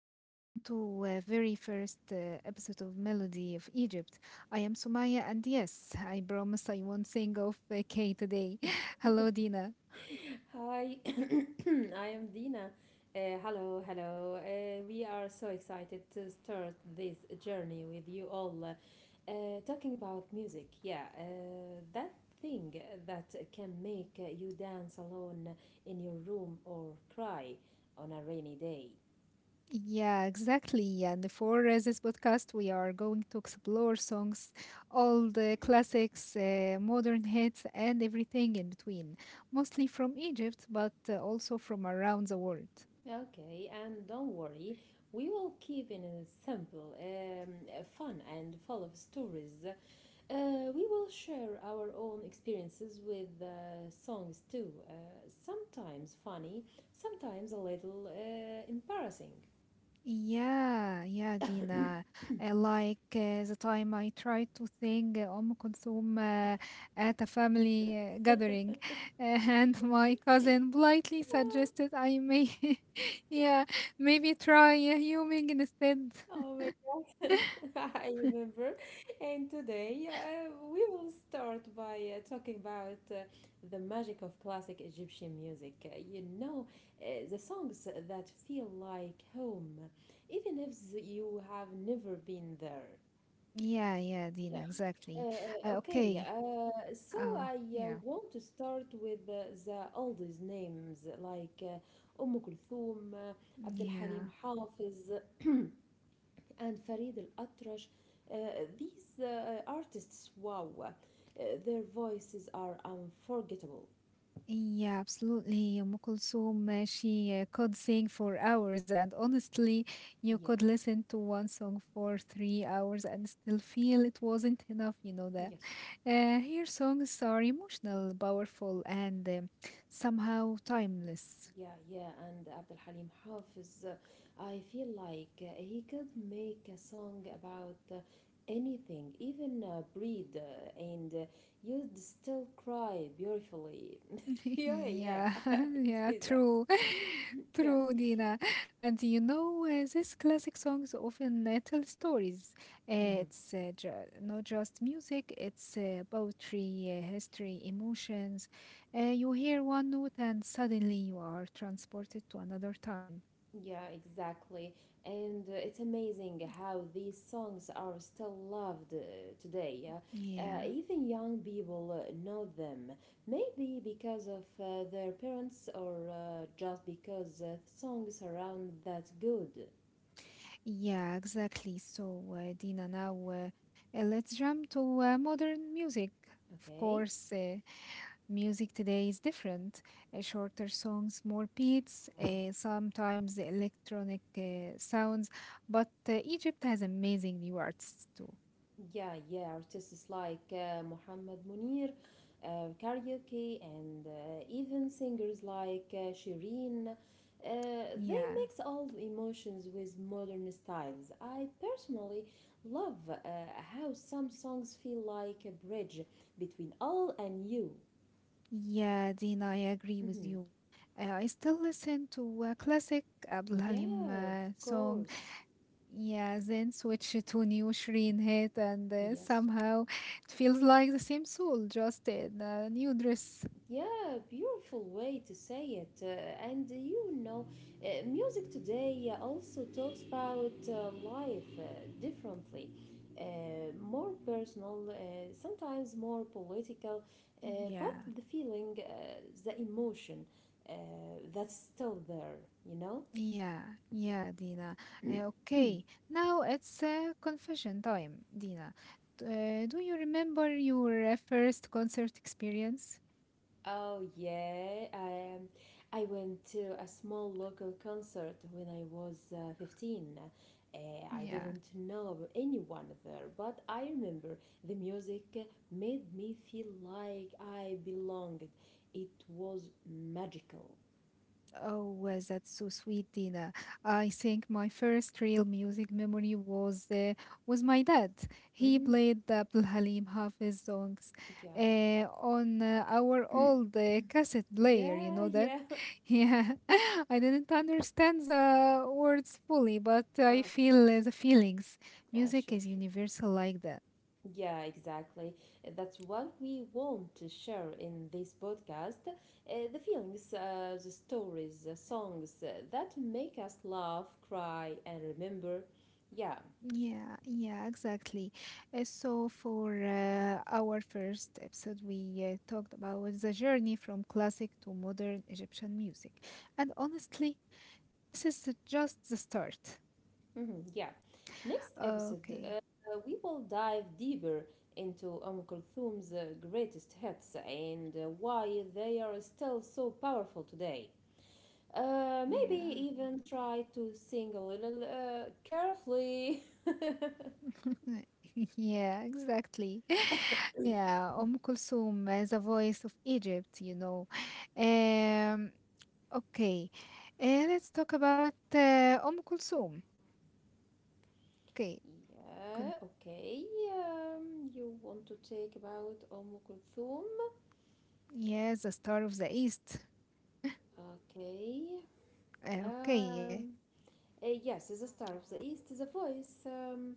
welcome to very first episode of Melody of Egypt. I am Sumaya, and yes, I promise I won't sing off K today. Hello, Dina. Hi, I am Dina. Hello, hello. We are so excited to start this journey with you all. Talking about music, yeah, that thing that can make you dance alone in your room or cry on a rainy day. Yeah, exactly. And for this podcast, we are going to explore songs, all the classics, modern hits, and everything in between, mostly from Egypt, but also from around the world. Okay, and don't worry, we will keep it simple, fun, and full of stories. We will share our own experiences with songs too. Sometimes funny, sometimes a little embarrassing. Yeah, yeah, Dina. Like the time I tried to sing Kulthum at a family gathering, and my cousin politely suggested I may, yeah, maybe try humming instead. Oh my god, I remember. And today we will start by talking about the magic of classic Egyptian music. You know, the songs that feel like home, even if you have never been there. Yeah, yeah, Dina, exactly. Okay, Okay. So Oh, I yeah, want to start with the oldest names like Kulthum, Abd al yeah. Halim Hafiz, and Farid al Atrash. Uh, these artists, wow, their voices are unforgettable. Yeah, absolutely. Umm Kulthum, she could sing for hours, and honestly, you Yeah, could listen to one song for 3 hours and still feel it wasn't enough, you know that. yes. Her songs are emotional, powerful, and somehow timeless. Yeah, yeah, and Abdul Halim Hafiz, I feel like he could make a song about anything, even breed, and you'd still cry beautifully. Yeah, yeah, Yeah, I yeah, see that. true. Yeah. True, Dina. And you know, these classic songs often tell stories. hmm It's not just music, it's poetry, history, emotions. You hear one note and suddenly you are transported to another time. Yeah, exactly. And it's amazing how these songs are still loved today. Yeah? Yeah, Even young people know them. Maybe because of their parents or just because songs around that good. yeah, exactly. So, Dina, now let's jump to modern music. Of Okay? course, Music today is different. Shorter songs, more beats, sometimes electronic sounds. But Egypt has amazing new artists too. Yeah, yeah, artists like Mohammed Munir, karaoke, and even singers like Shireen. They Yeah, mix old emotions with modern styles. I personally love how some songs feel like a bridge between old and new. yeah, Dina, I agree with Mhm. you. I still listen to a classic Abdul Halim Yeah, of song. course. Yeah, then switch to new Shreen hit, and Yes. somehow it feels like the same soul, just in a new dress. Yeah, beautiful way to say it. And You know, music today also talks about life differently, more personal, sometimes more political, uh, but Yeah. the feeling, the emotion, uh, that's still there, you know? Yeah, yeah, Dina. Okay, now it's confession time, Dina. Do you remember your first concert experience? Oh yeah, I I went to a small local concert when I was 15. I Yeah. didn't know about anyone there, but I remember the music made me feel like I belonged. It was magical. Oh, well, that's so sweet, Dina. I think my first real music memory was my dad. He Hmm. played the Abdul Halim Hafiz songs Yeah. on our old cassette player. You Yeah, know that? yeah. Yeah, I didn't understand the words fully, but Ah, I of feel course. the feelings. Ah, Music sure, is sure. universal like that. Yeah, exactly. That's what we want to share in this podcast, the feelings, the stories, the songs that make us laugh, cry, and remember. Yeah, Yeah, yeah, exactly. So, for our first episode, we talked about the journey from classic to modern Egyptian music. And honestly, this is just the start. hmm, yeah. Next episode, Okay, we will dive deeper into Kulthum's greatest hits and why they are still so powerful today. Maybe yeah. even try to sing a little carefully. Yeah, exactly. Yeah, Kulthum, the voice of Egypt, you know. Um, okay, let's talk about Kulthum. Okay, Con- Yeah, okay. You want to take about Kulthum? yeah, the star of the East. Okay. Okay, Um, yes, the star of the east is a voice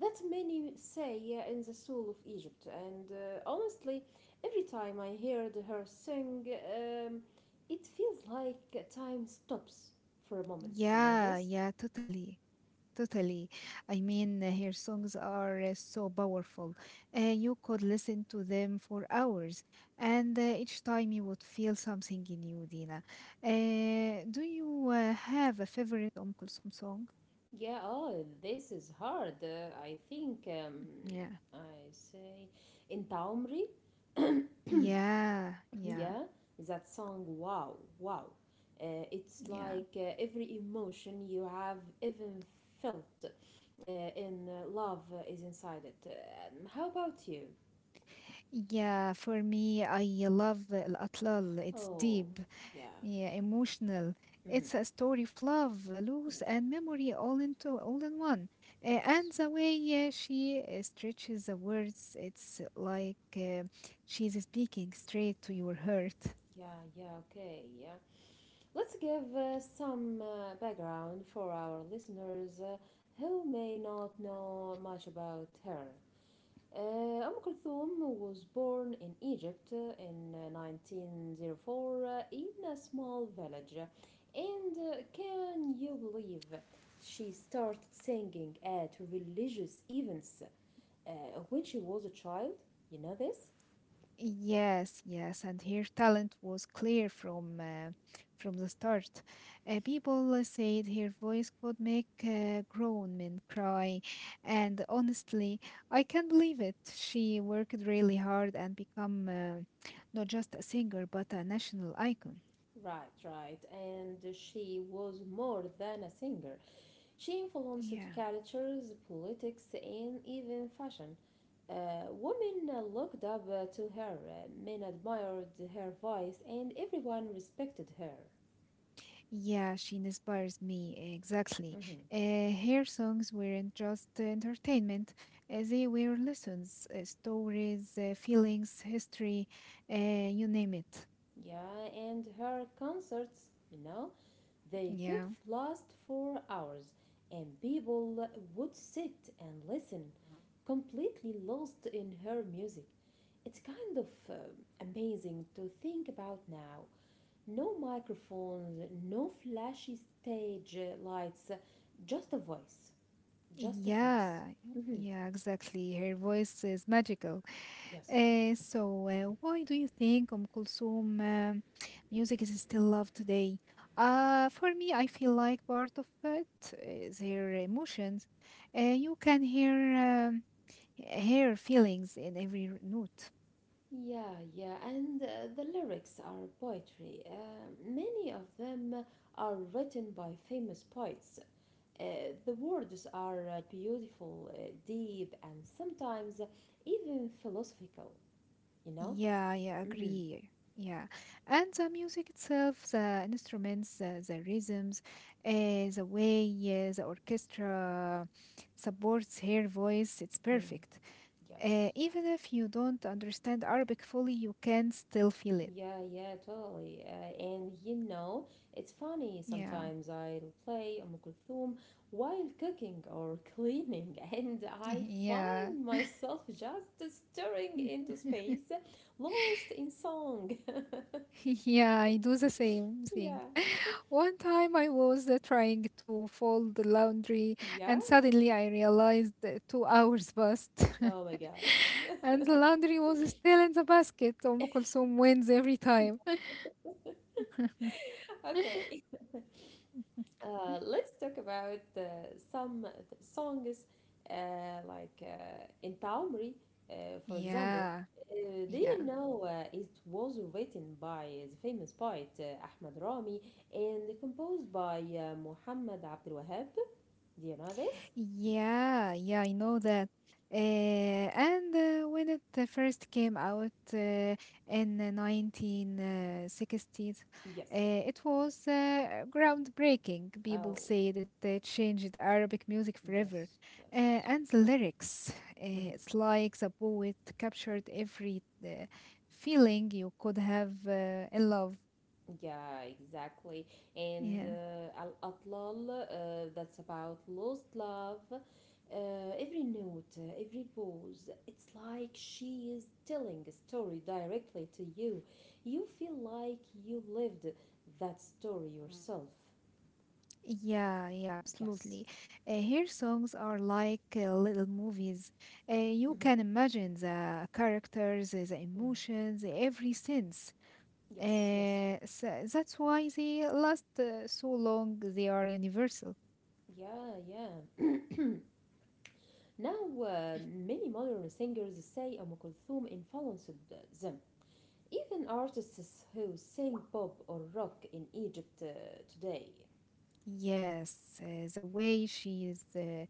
that many say in the soul of Egypt. And honestly, every time I heard her sing, um, it feels like time stops for a moment. You know yeah, this? yeah, totally, totally. I mean, her songs are so powerful. You could listen to them for hours, and each time you would feel something new, Dina. Do you have a favorite Kulthum song? Yeah, oh, this is hard. I think Yeah. I say in Taumri. Yeah, yeah, Yeah, that song, wow, wow, it's yeah. like every emotion you have even felt in love is inside it. How about you? Yeah, for me, I love Al Atlal. It's Oh, deep, yeah. yeah, emotional. Mm-hmm. It's a story of love, Yes, loss, and memory all in one. And yes. the way she stretches the words, it's like she's speaking straight to your heart. Yeah, yeah, okay, yeah, let's give some background for our listeners who may not know much about her. Uh, Kulthum was born in Egypt in 1904 in a small village. And can you believe she started singing at religious events uh, when she was a child? You know this? Yes, yes, and her talent was clear from the start. People said her voice could make grown men cry, and honestly, I can't believe it. She worked really hard and become not just a singer but a national icon. Right, right. And she was more than a singer. She influenced Yeah. cultures, politics, and even fashion. Women looked up to her, men admired her voice, and everyone respected her. Yeah, she inspires me, exactly. Mhm. Her songs weren't just entertainment, they were lessons, stories, feelings, history, uh, you name it. Yeah, and her concerts, you know, they Yeah, could last for hours, and people would sit and listen, completely lost in her music. It's kind of amazing to think about now. No microphones, no flashy stage lights, just a voice. Just a voice. yeah, Mhm. yeah, exactly. Her voice is magical. Yes. So, why do you think Kulsum music is still loved today? For me, I feel like part of it is her emotions. You can hear. Her feelings in every note. Yeah, yeah, and the lyrics are poetry. Many of them are written by famous poets. Uh, the words are beautiful, deep, and sometimes even philosophical, you know? Yeah, yeah, Hmm. agree. Yeah, and the music itself, the instruments, the rhythms, uh, the way the orchestra supports her voice, it's Mm. perfect. Yes. Even if you don't understand Arabic fully, you can still feel it. Yeah, yeah, totally. And You know, it's funny, Yeah, sometimes I'll play Kulthum while cooking or cleaning, and I yeah. find myself just staring into space, lost in song. Yeah, I do the same thing. Yeah, One time I was trying to fold the laundry yeah. and suddenly I realized that 2 hours passed Oh my God. and the laundry was still in the basket. Kulthum wins every time. Yeah, okay. Let's talk about some songs like in Taumri, for example. Yeah, Do you yeah. know it was written by the famous poet Ahmad Rami and composed by Muhammad Abdul Wahab? Do you know this? Yeah, yeah, I know that. And when it first came out in the 1960s, uh, Yes. it was groundbreaking. People Oh, say that it changed Arabic music forever. yes, yes. And the lyrics, it's like the poet captured every feeling you could have in love. Yeah, exactly. And Yeah. Al Atlal, that's about lost love. Every note, every pause, it's like she is telling a story directly to you. You feel like you lived that story yourself. Yeah, yeah, Yes. absolutely. Her songs are like little movies. You Mhm. can imagine the characters, the Mhm. emotions, every sense. Yes, yes. So that's why they last so long. They are universal. Yeah, yeah. Now, many modern singers say Kulthum influenced them. Even artists who sing pop or rock in Egypt today. Yes, the way she is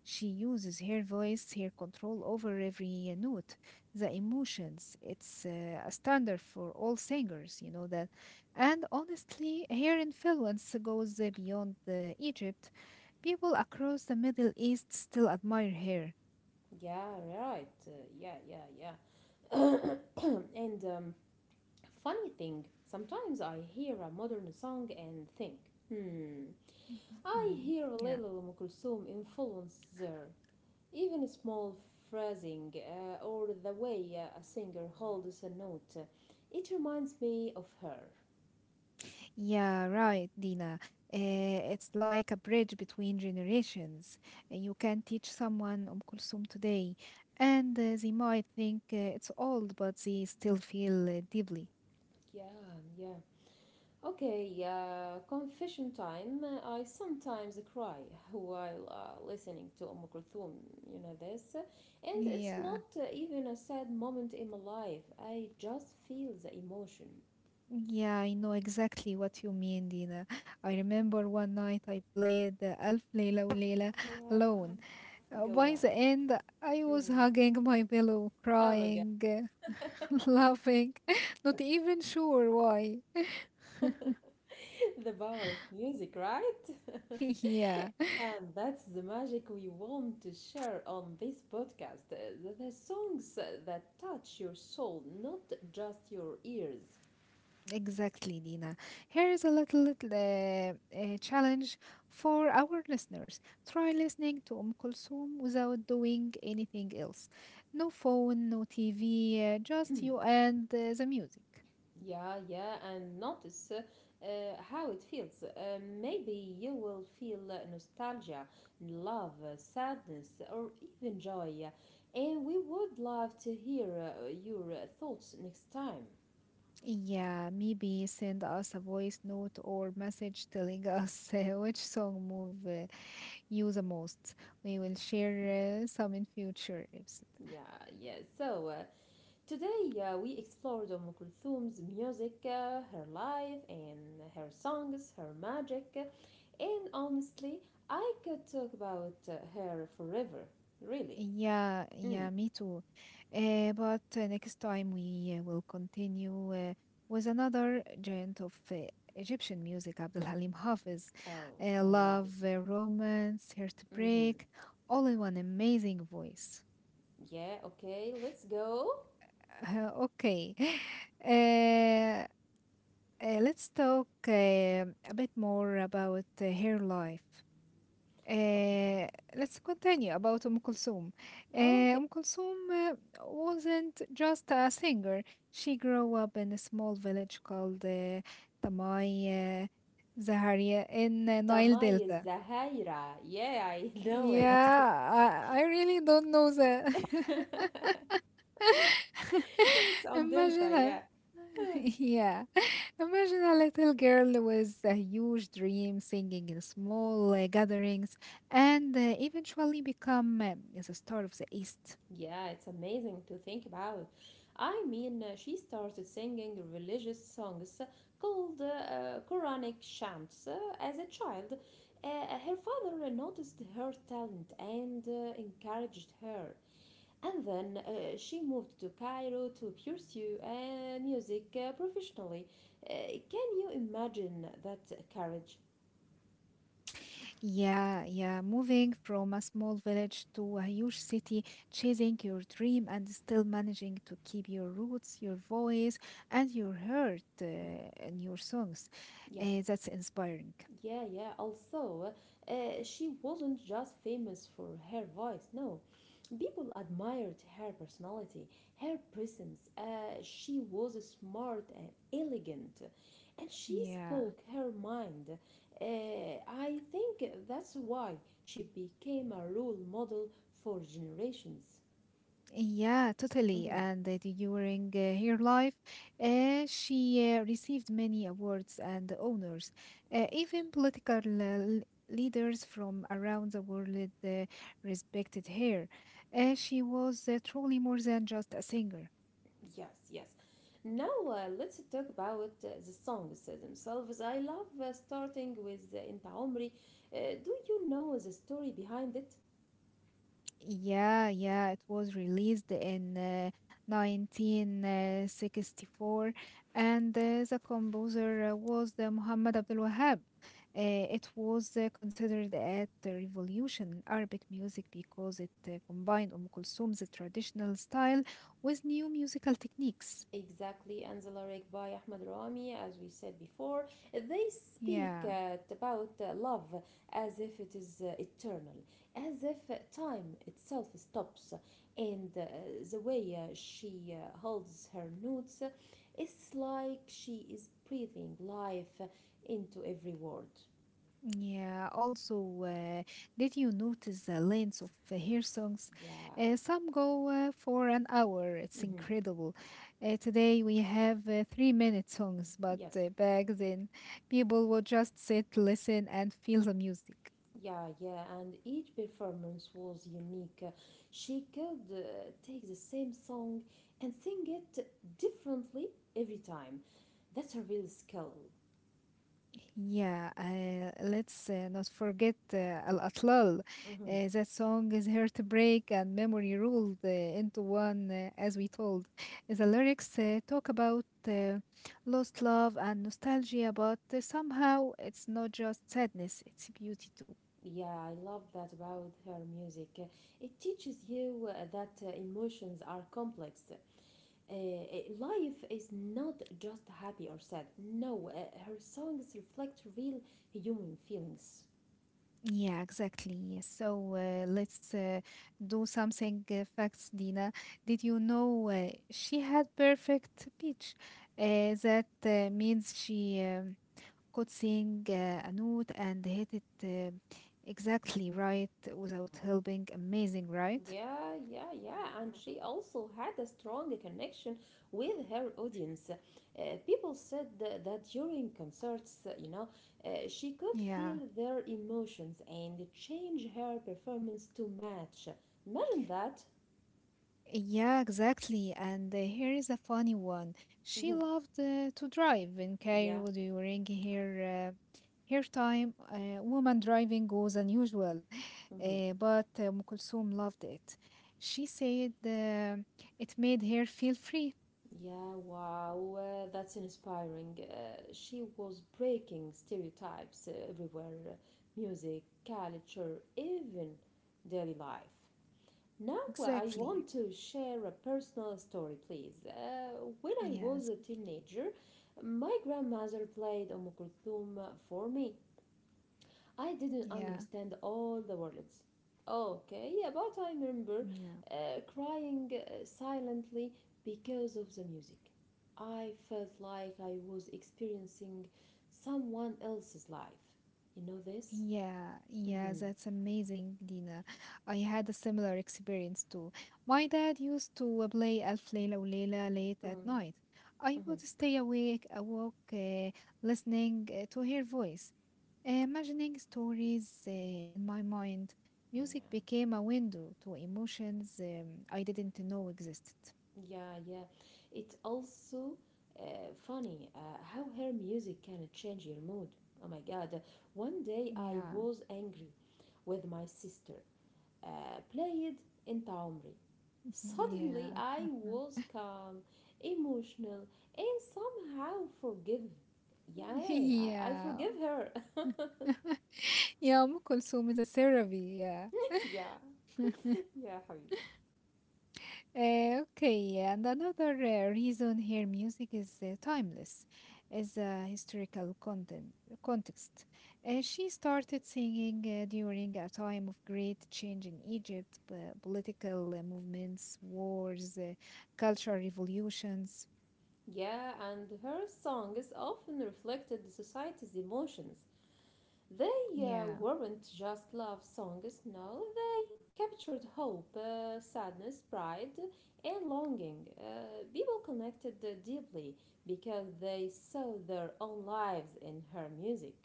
She uses her voice, her control over every note, the emotions. It's a standard for all singers, you know that. And honestly, her influence goes beyond Egypt. People across the Middle East still admire her. Yeah, right. Yeah. And funny thing, sometimes I hear a modern song and think, hmm, I Mm, hear a yeah. little Kulthum influence there. Even small phrasing or the way a singer holds a note, it reminds me of her. Yeah, right, Dina. It's like a bridge between generations. You can teach someone Kulsum today, and they might think it's old, but they still feel deeply. Yeah, yeah. Okay, confession time. I sometimes cry while listening to Kulthum, you know this. And it's Yeah. not even a sad moment in my life. I just feel the emotion. Yeah, I know exactly what you mean, Dina. I remember one night I played Alf Leila Leila alone. Yeah, go By on. the end, I Mm. was hugging my pillow, Oh my god. crying, laughing, not even sure why. The power of music, right? yeah. And that's the magic we want to share on this podcast. The songs that touch your soul, not just your ears. Exactly, Nina. Here is a little challenge for our listeners. Try listening to Kulsum without doing anything else. No phone, no TV, just you and the music. Yeah, yeah, and notice how it feels. Maybe you will feel nostalgia, love, sadness, or even joy. And we would love to hear your thoughts next time. Yeah, maybe send us a voice note or message telling us which song move you the most. We will share some in future episodes. Yeah, yeah. So today we explored Kulthum's music, her life, and her songs, her magic. And honestly, I could talk about her forever, really. Yeah, yeah, Mm. me too. But next time we will continue with another giant of Egyptian music, Abdul Halim Hafiz. Oh, I love Love, it. Romance, Mm-hmm. heartbreak, all in one amazing voice. Yeah, okay, let's go. Okay. Uh, let's talk a bit more about her life. Okay. Uh, let's continue about Kulsum. Uh, Okay. Umm Kulthum uh, wasn't just a singer. She grew up in a small village called Tamai Zaharia in Nile Tamayız Delta. Zahira. Yeah, I know it. Yeah, I really don't know that. It's on Delta, Imagine a, yeah. yeah, imagine a little girl with a huge dream singing in small gatherings and eventually become the star of the East. Yeah, it's amazing to think about. I mean, she started singing religious songs called Quranic chants as a child. Her father noticed her talent and encouraged her. And then she moved to Cairo to pursue music professionally. Uh, can you imagine that courage? Yeah, yeah. Moving from a small village to a huge city, chasing your dream and still managing to keep your roots, your voice, and your heart and your songs. Yeah, That's inspiring. yeah, yeah. Also, uh, she wasn't just famous for her voice, no. People admired her personality, her presence. She was smart and elegant, and she Yeah. spoke her mind. I think that's why she became a role model for generations. Yeah, totally. Mhm. And during her life, she received many awards and honors. Yes, Even political leaders from around the world uh, respected her. She was truly more than just a singer. yes, yes. Now let's talk about the songs themselves. I love starting with Inta Omri. Uh, do you know the story behind it? Yeah, yeah, it was released in 1964, and the composer was Muhammad Abdul Wahab. It was considered a revolution in Arabic music because it combined Kulthum's traditional style with new musical techniques. Exactly, Anzala by Ahmad Rami, as we said before, they speak Yeah. About love as if it is eternal, as if time itself stops, and the way she holds her notes, it's like she is breathing life into every word. Yeah, also, did you notice the lengths of hair songs? Yeah. Some go for an hour. It's Hmm. incredible. Today we have 3 minute songs, but Yes. Back then people would just sit, listen, and feel the music. Yeah, yeah, and each performance was unique. She could take the same song and sing it differently every time. That's a real skill. Yeah, let's not forget Al Atlal. Hmm. That song is heartbreak and memory rolled into one, as we told. The lyrics talk about lost love and nostalgia, but somehow it's not just sadness, it's beauty too. Yeah, I love that about her music. It teaches you that emotions are complex. Life is not just happy or sad. No, her songs reflect real human feelings. Yeah, exactly. Yes. So let's do something facts, Dina. Did you know she had perfect pitch? That means she. Good seeing Anoud and hit it exactly right without helping. Amazing, right? Yeah, yeah, yeah. And she also had a strong connection with her audience. People said that during concerts, you know, she could Yeah. feel their emotions and change her performance to match. Imagine that. Yeah, exactly. And here is a funny one. She Mhm. loved to drive in Yeah. Cairo during her time. Woman driving was unusual, Mhm. But Kulthum loved it. She said it made her feel free. Yeah, wow, that's inspiring. She was breaking stereotypes everywhere, music, culture, even daily life. Now I want Exactly. to share a personal story, please. When I was Yes. a teenager, my grandmother played Kulthum for me. I didn't Yeah. understand all the words. Okay, yeah, but I remember Yeah. Crying silently because of the music. I felt like I was experiencing someone else's life. You know this? Yeah, yeah, Mm-hmm. that's amazing, Dina. I had a similar experience too. My dad used to play Alf Leila و late at night. I would Mm-hmm. stay awake, listening to her voice, imagining stories in my mind. Music Yeah. became a window to emotions I didn't know existed. Yeah, yeah. It's also uh, funny how her music can change your mood. Oh my God. One day I Yeah, was angry with my sister, played Inta Omri. Mm-hmm, Suddenly yeah, I was calm, emotional, and somehow forgive. Yeah, I forgive yeah. her. Yeah, Kulthum is a therapy. Yeah. Yeah. Yeah, حبيبي. Okay, and another reason here music is timeless, is a historical content context. She started singing during a time of great change in Egypt, political movements, wars, cultural revolutions. Yeah, and her songs often reflected the society's emotions. They Yeah. weren't just love songs, no, they captured hope, sadness, pride, and longing. People connected deeply because they saw their own lives in her music.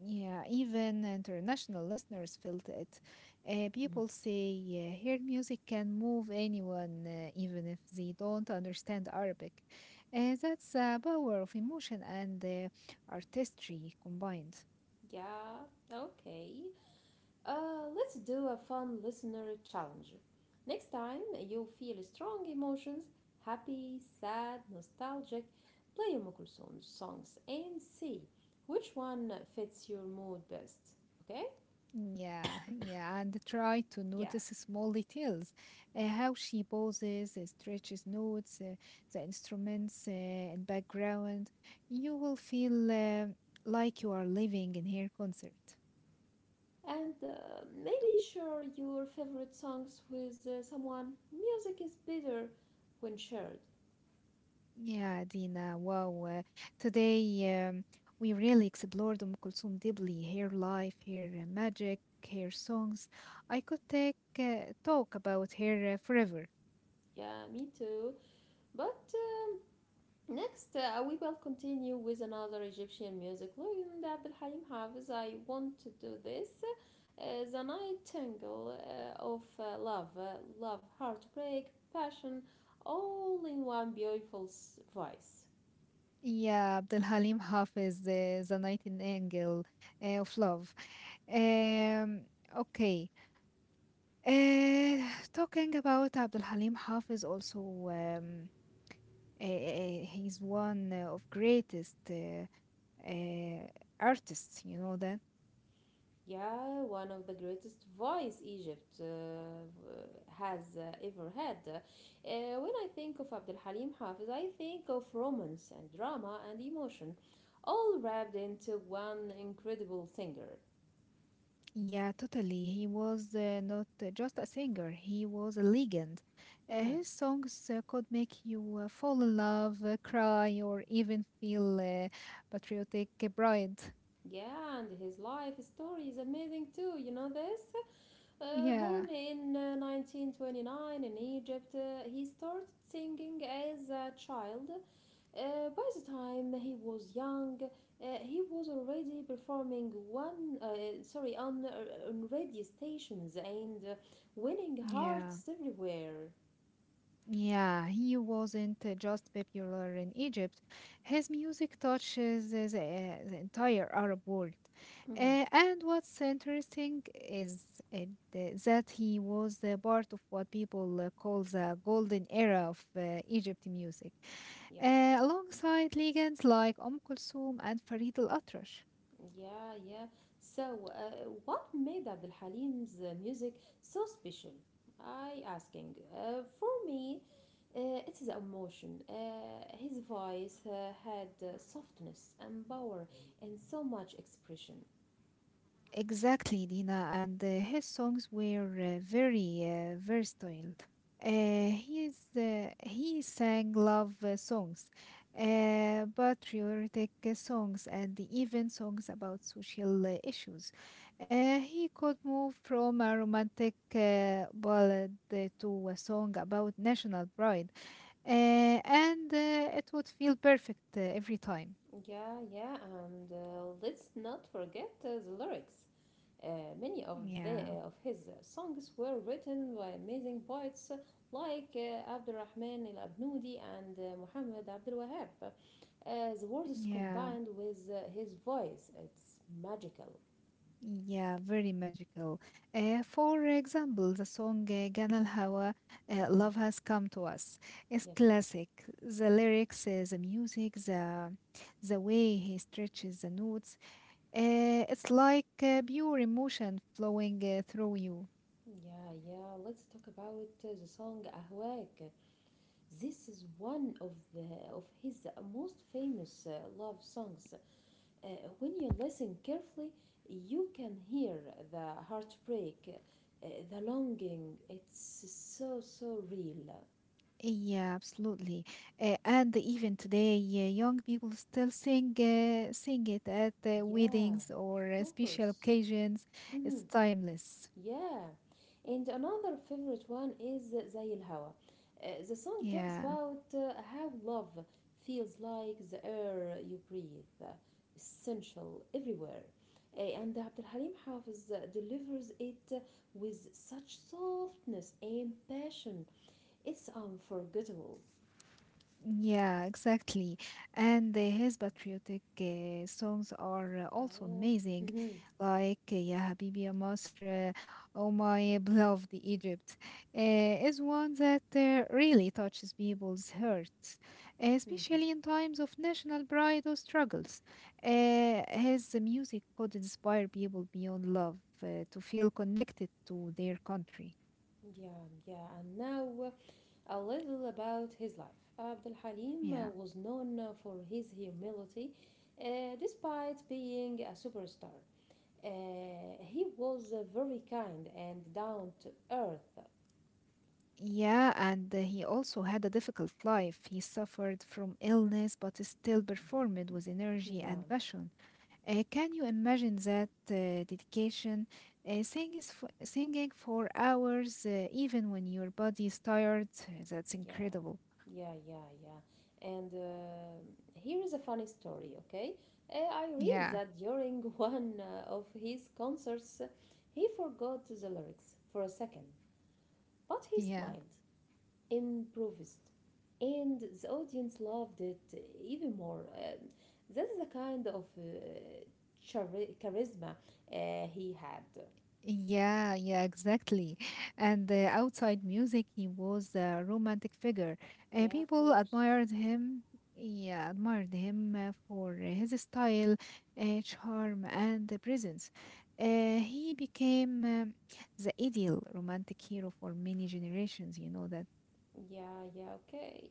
Yeah, even international listeners felt it. People say her music can move anyone, even if they don't understand Arabic. That's a power of emotion and artistry combined. Yeah, okay. Let's do a fun listener challenge. Next time you feel strong emotions, happy, sad, nostalgic, play Kulthum songs and see which one fits your mood best. Okay? Yeah, yeah, and try to Yeah. notice small details, how she poses, stretches notes, the instruments in background. You will feel like you are living in her concert. And maybe share your favorite songs with someone. Music is better when shared. Yeah, Dina. Wow. Today, we really explored Kulthum deeply, her life, her magic, her songs. I could take talk about her forever. Yeah, me too. But next, we will continue with another Egyptian music legend, Abdul Halim Hafiz. I want to do this. Uh, the Nightingale of Love, Love, Heartbreak, Passion, all in one beautiful voice. Yeah, Abdul Halim Hafiz, the nightingale of love. Um, okay. Uh, Talking about Abdul Halim Hafiz, also he's one of greatest uh, artists. You know that? Yeah, one of the greatest voice Egypt has ever had. When I think of Abdul Halim Hafiz, I think of romance and drama and emotion all wrapped into one incredible singer. Yeah, totally. He was not just a singer; he was a legend. Mhm. His songs could make you fall in love, cry, or even feel patriotic pride. Yeah, and his life story is amazing too. You know this? Yeah, Born in 1929 in Egypt, he started singing as a child. By the time he was young, he was already performing on radio stations and winning yeah. hearts everywhere. Yeah, he wasn't just popular in Egypt. His music touches the entire Arab world. Mhm. And what's interesting is it, uh, that he was the part of what people call the golden era of Egypt music, Yes. Alongside legends like Kulthum and Farid al-Atrash. Yeah, yeah. So, what made Abdul Halim's music so special? I asking. For me, it is emotion. His voice had softness and power and so much expression. Exactly, Dina, and his songs were very versatile. He sang love songs, patriotic songs, and even songs about social issues. He could move from a romantic ballad to a song about national pride, and it would feel perfect every time. Yeah, yeah, and let's not forget the lyrics. Many of the Yeah, of his songs were written by amazing poets like Abdurrahman al Abnudi and Muhammad Abdul Wahab. The words yeah. combined with his voice, it's magical. Yeah, very magical. For example, the song Gana Hawa, Mm. Love Has Come to Us, is Yes. classic. The lyrics, the music, the way he stretches the notes, it's like pure emotion flowing through you. Yeah, yeah. Let's talk about the song Ahwak. This is one of the of his most famous love songs. Uh, when you listen carefully, you can hear the heartbreak, the longing. It's so, so real. Yeah, absolutely. And even today, young people still sing it at Yeah, weddings or of special course. occasions. Hmm. It's timeless. Yeah. And another favorite one is زي الهوا. The song talks Yeah. about how love feels like the air you breathe, essential everywhere. And Abdul Halim Hafiz delivers it with such softness and passion. It's unforgettable. Yeah, exactly. And his patriotic songs are also Oh. amazing, Mhm. like Ya Habibi Ya Masr, Oh My Beloved Egypt, is one that really touches people's hearts, Mhm. especially in times of national pride or struggles. His music could inspire people beyond love to feel connected to their country. Yeah, yeah. And now a little about his life. Abdul Halim Yeah. was known for his humility, despite being a superstar. He was very kind and down to earth. Yeah, and he also had a difficult life. He suffered from illness but still performed with energy Yeah. and passion. Can you imagine that dedication? Singing for hours, even when your body is tired, that's Yeah, incredible. yeah, yeah, yeah. And here is a funny story, okay? I read Yeah, that during one of his concerts, he forgot the lyrics for a second, but he yeah. smiled, improvised, and the audience loved it even more. That is the kind of charisma he had. Yeah, yeah, exactly. And outside music, he was a romantic figure. Yeah, of People course. admired him. Yeah, admired him for his style, charm, and the presence. He became the ideal romantic hero for many generations. You know that. Yeah, yeah, okay.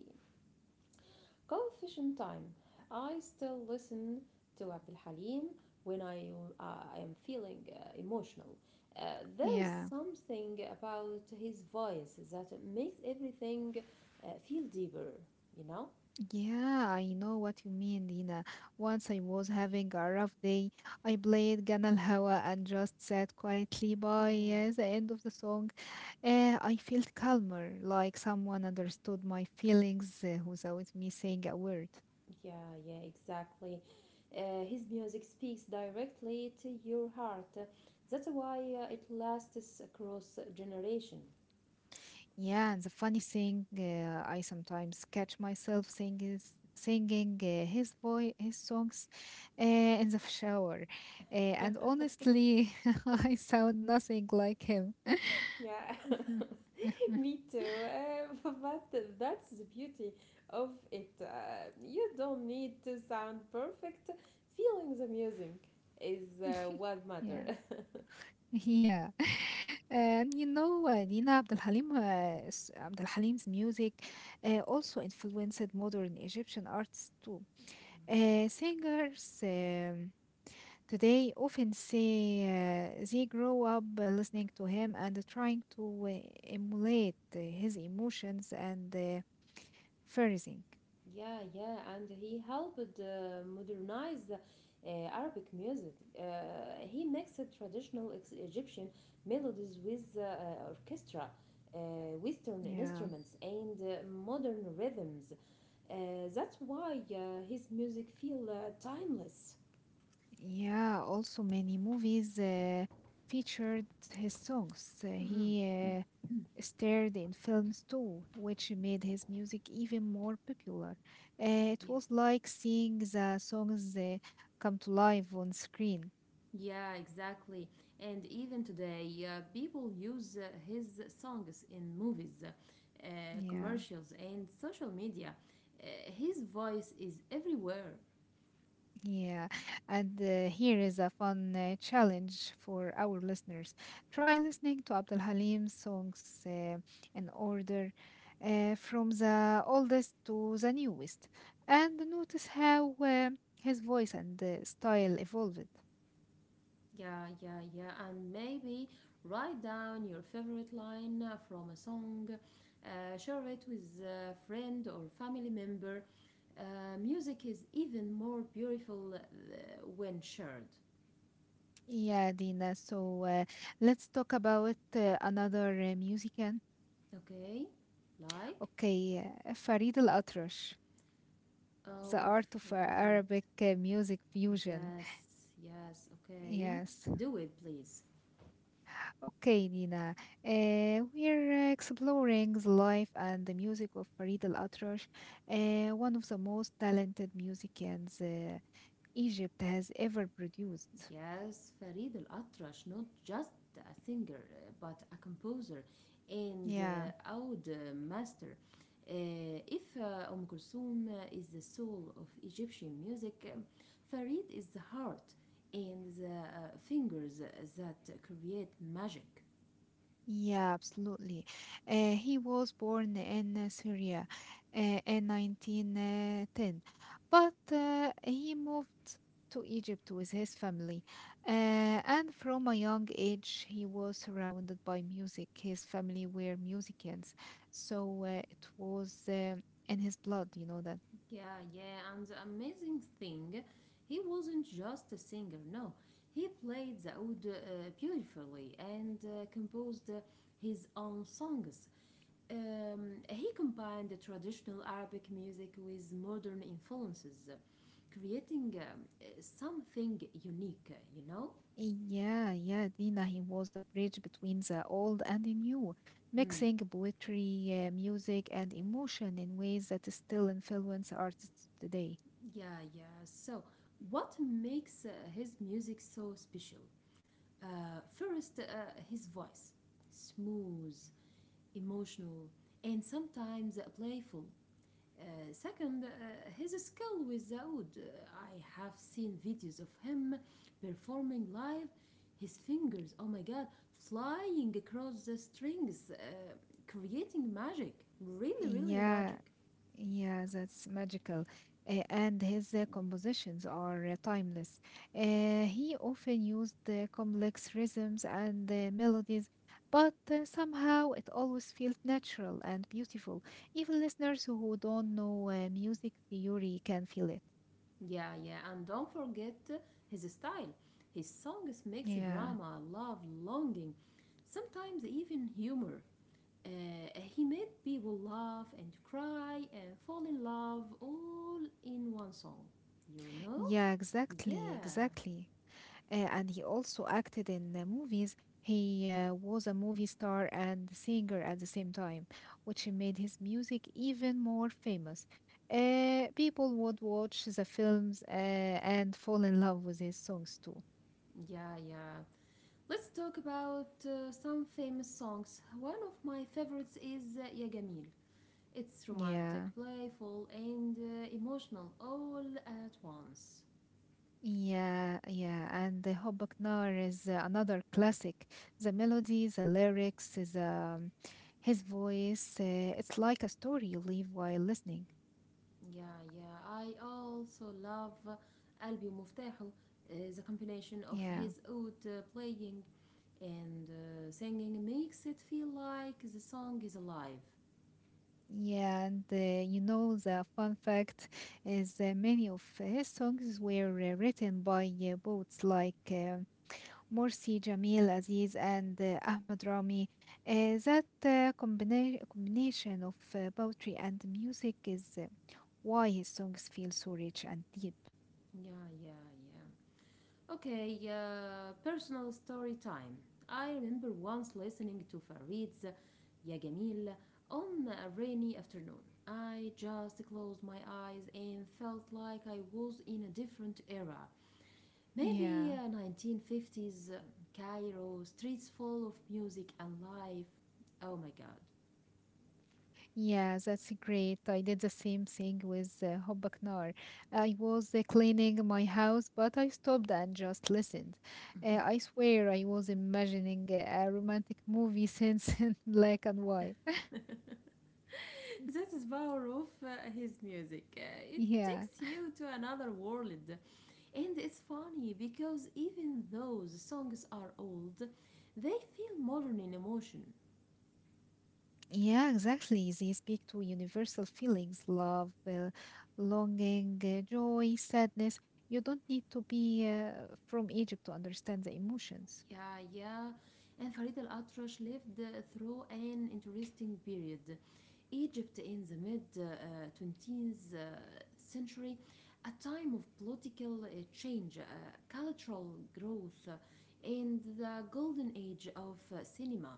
Confession time. I still listen to Abdul Halim when uh, I am feeling emotional. Uh, there is Yeah. something about his voice that makes everything feel deeper, you know? Yeah, I know what you mean, Dina. Once I was having a rough day, I played Ganal Hawa and just sat quietly by Yeah. The end of the song. I felt calmer, like someone understood my feelings without me saying a word. Yeah, yeah, exactly. His music speaks directly to your heart. That's why it lasts across generation. Yeah, and the funny thing, I sometimes catch myself singing his voice, his songs in the shower. And honestly, I sound nothing like him. Yeah, me too. But that's the beauty of it. You don't need to sound perfect. Feeling the music is what Yeah, matters. yeah. And you know, Nina Abdel Halim, s- Abdel Halim's music also influenced modern Egyptian artists too. Yeah. Singers today often say they grow up listening to him and trying to emulate his emotions and phrasing. Yeah, yeah, and he helped modernize Arabic music. Uh, he mixed traditional ex- Egyptian melodies with orchestra, uh, Western Yeah, instruments, and modern rhythms. Uh, that's why his music feel timeless. yeah. Also, many movies featured his songs. Mhm. He uh, starred in films too, which made his music even more popular. It was like seeing the songs come to life on screen. Yeah, exactly. And even today, people use his songs in movies, Yeah, commercials, and social media. Uh, his voice is everywhere. yeah. And here is a fun challenge for our listeners. Try listening to Abdul Halim's songs in order from the oldest to the newest and notice how his voice and style evolved. Yeah, yeah, yeah. And maybe write down your favorite line from a song, share it with a friend or family member. Music is even more beautiful when shared. Yeah, Dina. So let's talk about another musician. Okay? Like, Okay, Farid Al-Atrash, the oh, art of Farid. Arabic music fusion. Yes, yes, okay. Yes. Do it, please. Okay, Dina. We're exploring the life and the music of Farid Al-Atrash, one of the most talented musicians Egypt has ever produced. Yes, Farid Al Atrash, not just a singer, but a composer and Yeah. Oud master. If Kulthum is the soul of Egyptian music, Farid is the heart and the fingers that create magic. Yeah, absolutely. He was born in Syria in 1910, but he moved to Egypt with his family. Uh, and from a young age, he was surrounded by music. His family were musicians, so it was in his blood, you know that. Yeah, yeah, and the amazing thing, he wasn't just a singer, no. He played the oud beautifully and composed his own songs. He combined the traditional Arabic music with modern influences, creating something unique, you know? Yeah, yeah, Dina, he was a bridge between the old and the new, Hmm. mixing poetry, music, and emotion in ways that still influence artists today. Yeah, yeah. So, what makes his music so special? First, his voice. Smooth, emotional, and sometimes playful. Second, his skill with the oud. I have seen videos of him performing live, his fingers, oh my god, flying across the strings, creating magic. Really, really Yeah, magic. yeah, that's magical. And his compositions are timeless. He often used complex rhythms and melodies, but somehow it always felt natural and beautiful. Even listeners who don't know music theory can feel it. Yeah, yeah, and don't forget his style. His songs mix Yeah, drama, love, longing, sometimes even humor. Uh, he made people laugh and cry and fall in love all in one song. You know? yeah, exactly, Yeah. exactly. And he also acted in movies. He was a movie star and singer at the same time, which made his music even more famous. People would watch the films and fall in love with his songs too. Yeah, yeah. Let's talk about some famous songs. One of my favorites is Ya Gamil. It's romantic, Yeah, playful, and emotional all at once. yeah, yeah. And the Hubba Knar is another classic. The melody, the lyrics, is his voice, it's like a story you live while listening. Yeah, yeah. I also love Albio Muftahu, the combination of Yeah, his oud playing and singing makes it feel like the song is alive. yeah, and you know the fun fact is many of his songs were written by poets like Morsi, Jamil Aziz, and Ahmed Rami. That combination of poetry and music is why his songs feel so rich and deep. Yeah, yeah, yeah. Okay, personal story time. I remember once listening to Farid's Ya Jamil on a rainy afternoon. I just closed my eyes and felt like I was in a different era. Maybe Yeah. 1950s Cairo, streets full of music and life. Oh my god. Yeah, that's great. I did the same thing with Hobbaknar. I was cleaning my house, but I stopped and just listened. I swear I was imagining a romantic movie since in black and white. That is power of his music. It Yeah, takes you to another world. And it's funny because even though the songs are old, they feel modern in emotion. yeah, exactly. They speak to universal feelings, love, longing, joy, sadness. You don't need to be from Egypt to understand the emotions. Yeah, yeah. And Farid Al Atrash lived through an interesting period. Egypt in the mid 20th century, a time of political change, cultural growth, and the golden age of cinema.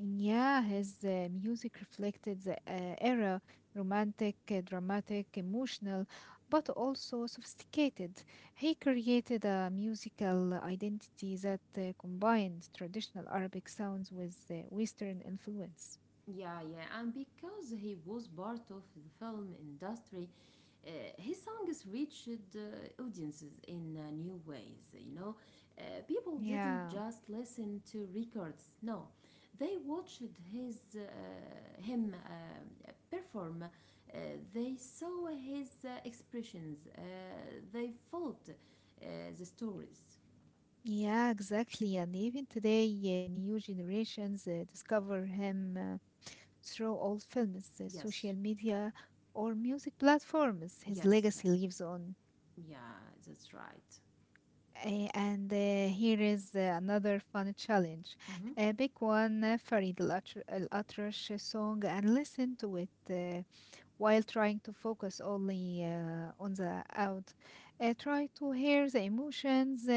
Yeah, his music reflected the era romantic, dramatic, emotional, but also sophisticated. He created a musical identity that combined traditional Arabic sounds with Western influence. Yeah, yeah, and because he was part of the film industry, uh, his songs reached audiences in new ways. You know, people didn't Yeah. just listen to records. No, they watched his him perform. Uh, they saw his expressions. They felt the stories. Yeah, exactly. And even today, new generations discover him through old films, social Yes, media, or music platforms. His yes, legacy yes. lives on. Yeah, that's right. Eh, and Here is another fun challenge. Mm-hmm. Pick one Al Atrash song and listen to it while trying to focus only on the out. Try to hear the emotions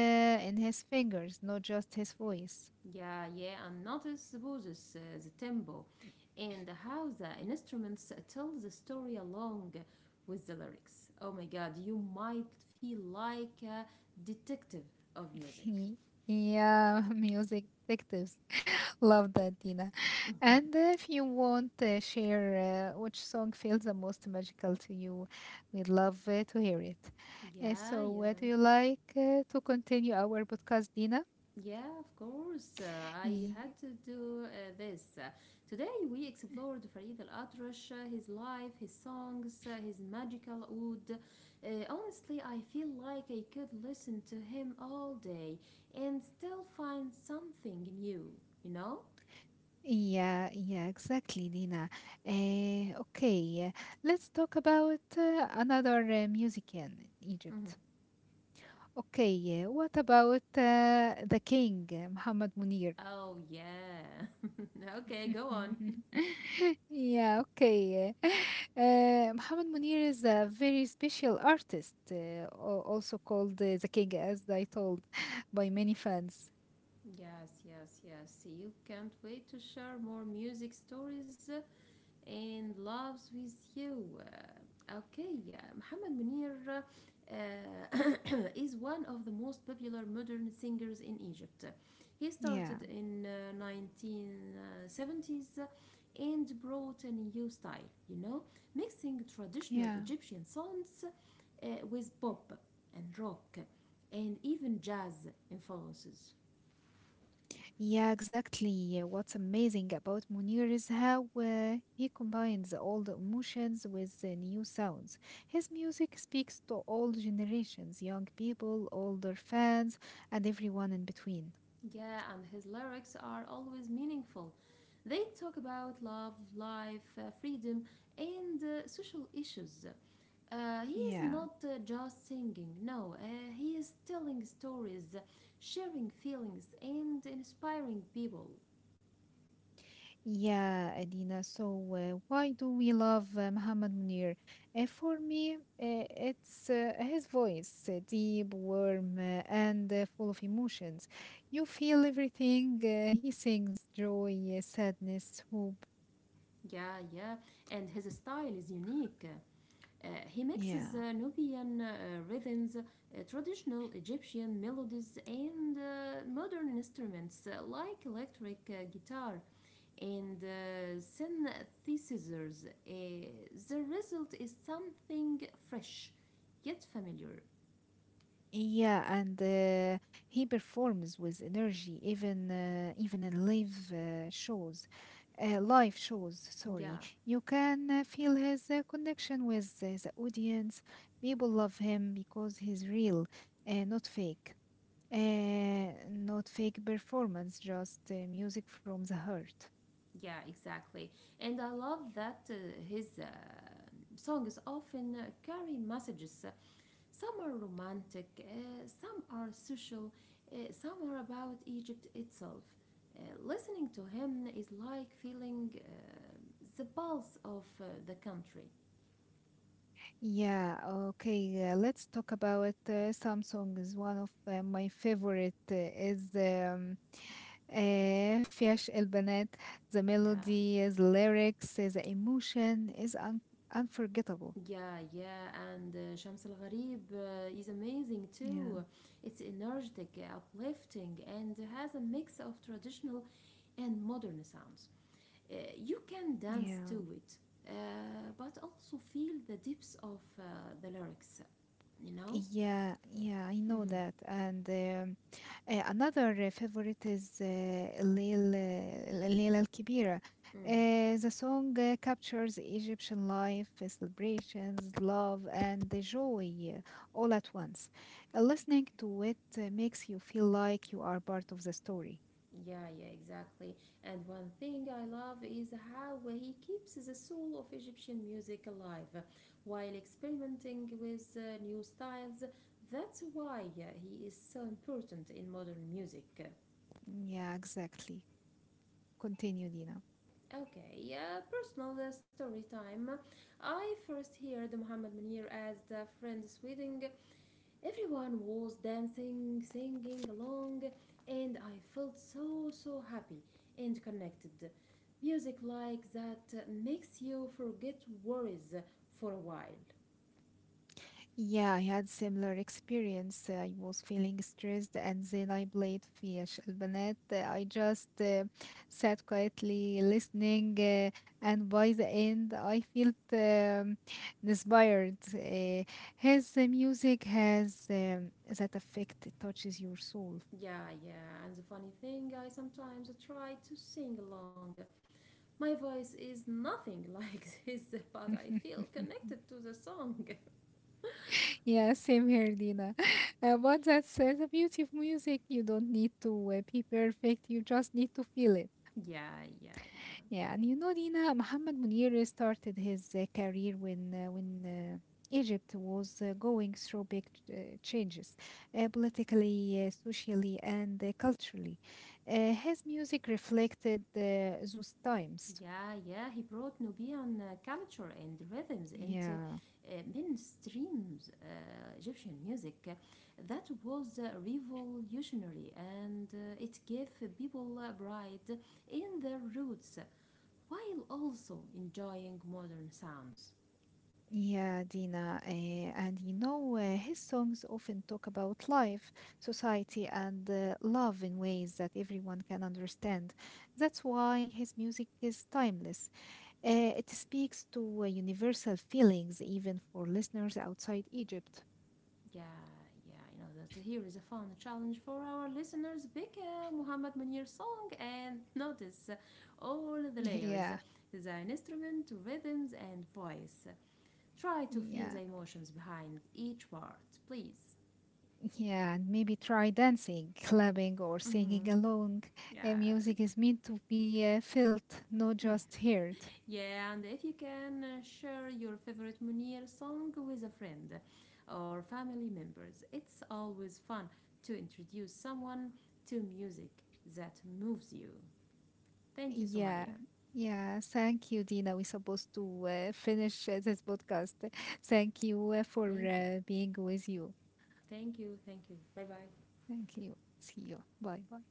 in his fingers, not just his voice. Yeah, yeah, and notice the poses, the tempo, and how the instruments tell the story along with the lyrics. Oh my god, you might feel like a detective of music. Yeah, music detectives. Love that, Dina. And if you want to share which song feels the most magical to you, we'd love to hear it. Yeah, So, what do yeah. you like to continue our podcast, Dina? Yeah, of course. I Ye- had to do this. Today we explored Farid Al Atrash, his life, his songs, his magical oud. Honestly, I feel like I could listen to him all day and still find something new, you know? Yeah, yeah, exactly, Dina. Okay, let's talk about another music in Mhm. Egypt. Okay, what about the king, Muhammad Munir? Oh, yeah. Okay, go on. Yeah, okay. Muhammad Munir is a very special artist, also called the king, as I told, by many fans. Yes, yes, yes. You can't wait to share more music stories and loves with you. Okay, yeah, Muhammad Munir is one of the most popular modern singers in Egypt. He Yeah, started in 1970s and brought a new style, you know, mixing traditional yeah, Egyptian songs with pop and rock and even jazz influences. yeah, exactly. What's amazing about Munir is how he combines old emotions with new sounds. His music speaks to all generations, young people, older fans, and everyone in between. Yeah, and his lyrics are always meaningful. They talk about love, life, freedom, and social issues. He is Yeah. not just singing, no, he is telling stories, sharing feelings, and inspiring people. Yeah, Adina. So, why do we love Muhammad Munir? For me, it's his voice, deep, warm, and full of emotions. You feel everything he sings joy, sadness, hope. Yeah, yeah, and his style is unique. He mixes Yeah. Nubian rhythms, traditional Egyptian melodies, and modern instruments like electric guitar and synthesizers. The result is something fresh, yet familiar. Yeah, and he performs with energy, even in live shows, live shows. Yeah. Sorry, you can feel his connection with the audience. People love him because he's real, not fake, not fake performance, just music from the heart. Yeah, exactly. And I love that his songs often carry messages. Some are romantic, some are social, some are about Egypt itself. Listening to him is like feeling the pulse of the country. Yeah, okay. Let's talk about some songs. One of my favorite is. آآ فيش البنات the Yeah. melody the lyrics the emotion is un unforgettable. Yeah, yeah, and Shams Al Gharib is amazing Yeah, too. It's energetic, uplifting, and has a mix of traditional and modern sounds. You can dance yeah. to it, but also feel the depths of the lyrics, you know? Yeah, yeah, I know Mm-hmm. that and, another favorite is الليلة الكبيرة. Mm. The song captures Egyptian life, celebrations, love and the joy all at once. Listening to it makes you feel like you are part of the story. Yeah, yeah, exactly. And one thing I love is how he keeps the soul of Egyptian music alive while experimenting with new styles. That's why he is so important in modern music. Yeah, exactly. Continue, Dina. Okay, personal story time. I first heard Mohammed Munir as the friend's wedding. Everyone was dancing, singing along, and I felt so, so happy and connected. Music like that makes you forget worries for a while. Yeah, I had similar experience. I was feeling stressed, and then I played في البنات. I just sat quietly listening, and by the end, I felt inspired. His music has that effect it touches your soul. Yeah, yeah, and the funny thing, I sometimes try to sing along. My voice is nothing like this, but I feel connected to the song. Yeah, same here, Dina. But that's the beauty of music. You don't need to be perfect, you just need to feel it. Yeah, yeah, yeah. Yeah, and you know, Dina, Mohammed Munir started his career when Egypt was going through big changes politically, socially, and culturally. His music reflected those times. Yeah, yeah, he brought Nubian culture and rhythms into Yeah. Mainstream Egyptian music. That was revolutionary and it gave people pride in their roots while also enjoying modern sounds. Yeah, Dina, and you know, his songs often talk about life, society, and love in ways that everyone can understand. That's why his music is timeless. It speaks to universal feelings, even for listeners outside Egypt. Yeah, yeah, you know that here is a fun challenge for our listeners. Pick a Muhammad Munir song and notice all the layers Yeah, the instrument, rhythms, and voice. Try to feel yeah, the emotions behind each word, please. yeah, and maybe try dancing, clapping, or singing Mm-hmm. along. Yeah. Music is meant to be felt, not Yeah. just heard. Yeah, and if you can share your favorite Munir song with a friend or family members, it's always fun to introduce someone to music that moves you. Thank you, Yeah. Somaya. Yeah. Thank you, Dina. We're supposed to finish this podcast. Thank you for Thank you. Being with you. Thank you. Thank you. Bye bye. Thank you. See you. Bye. Bye.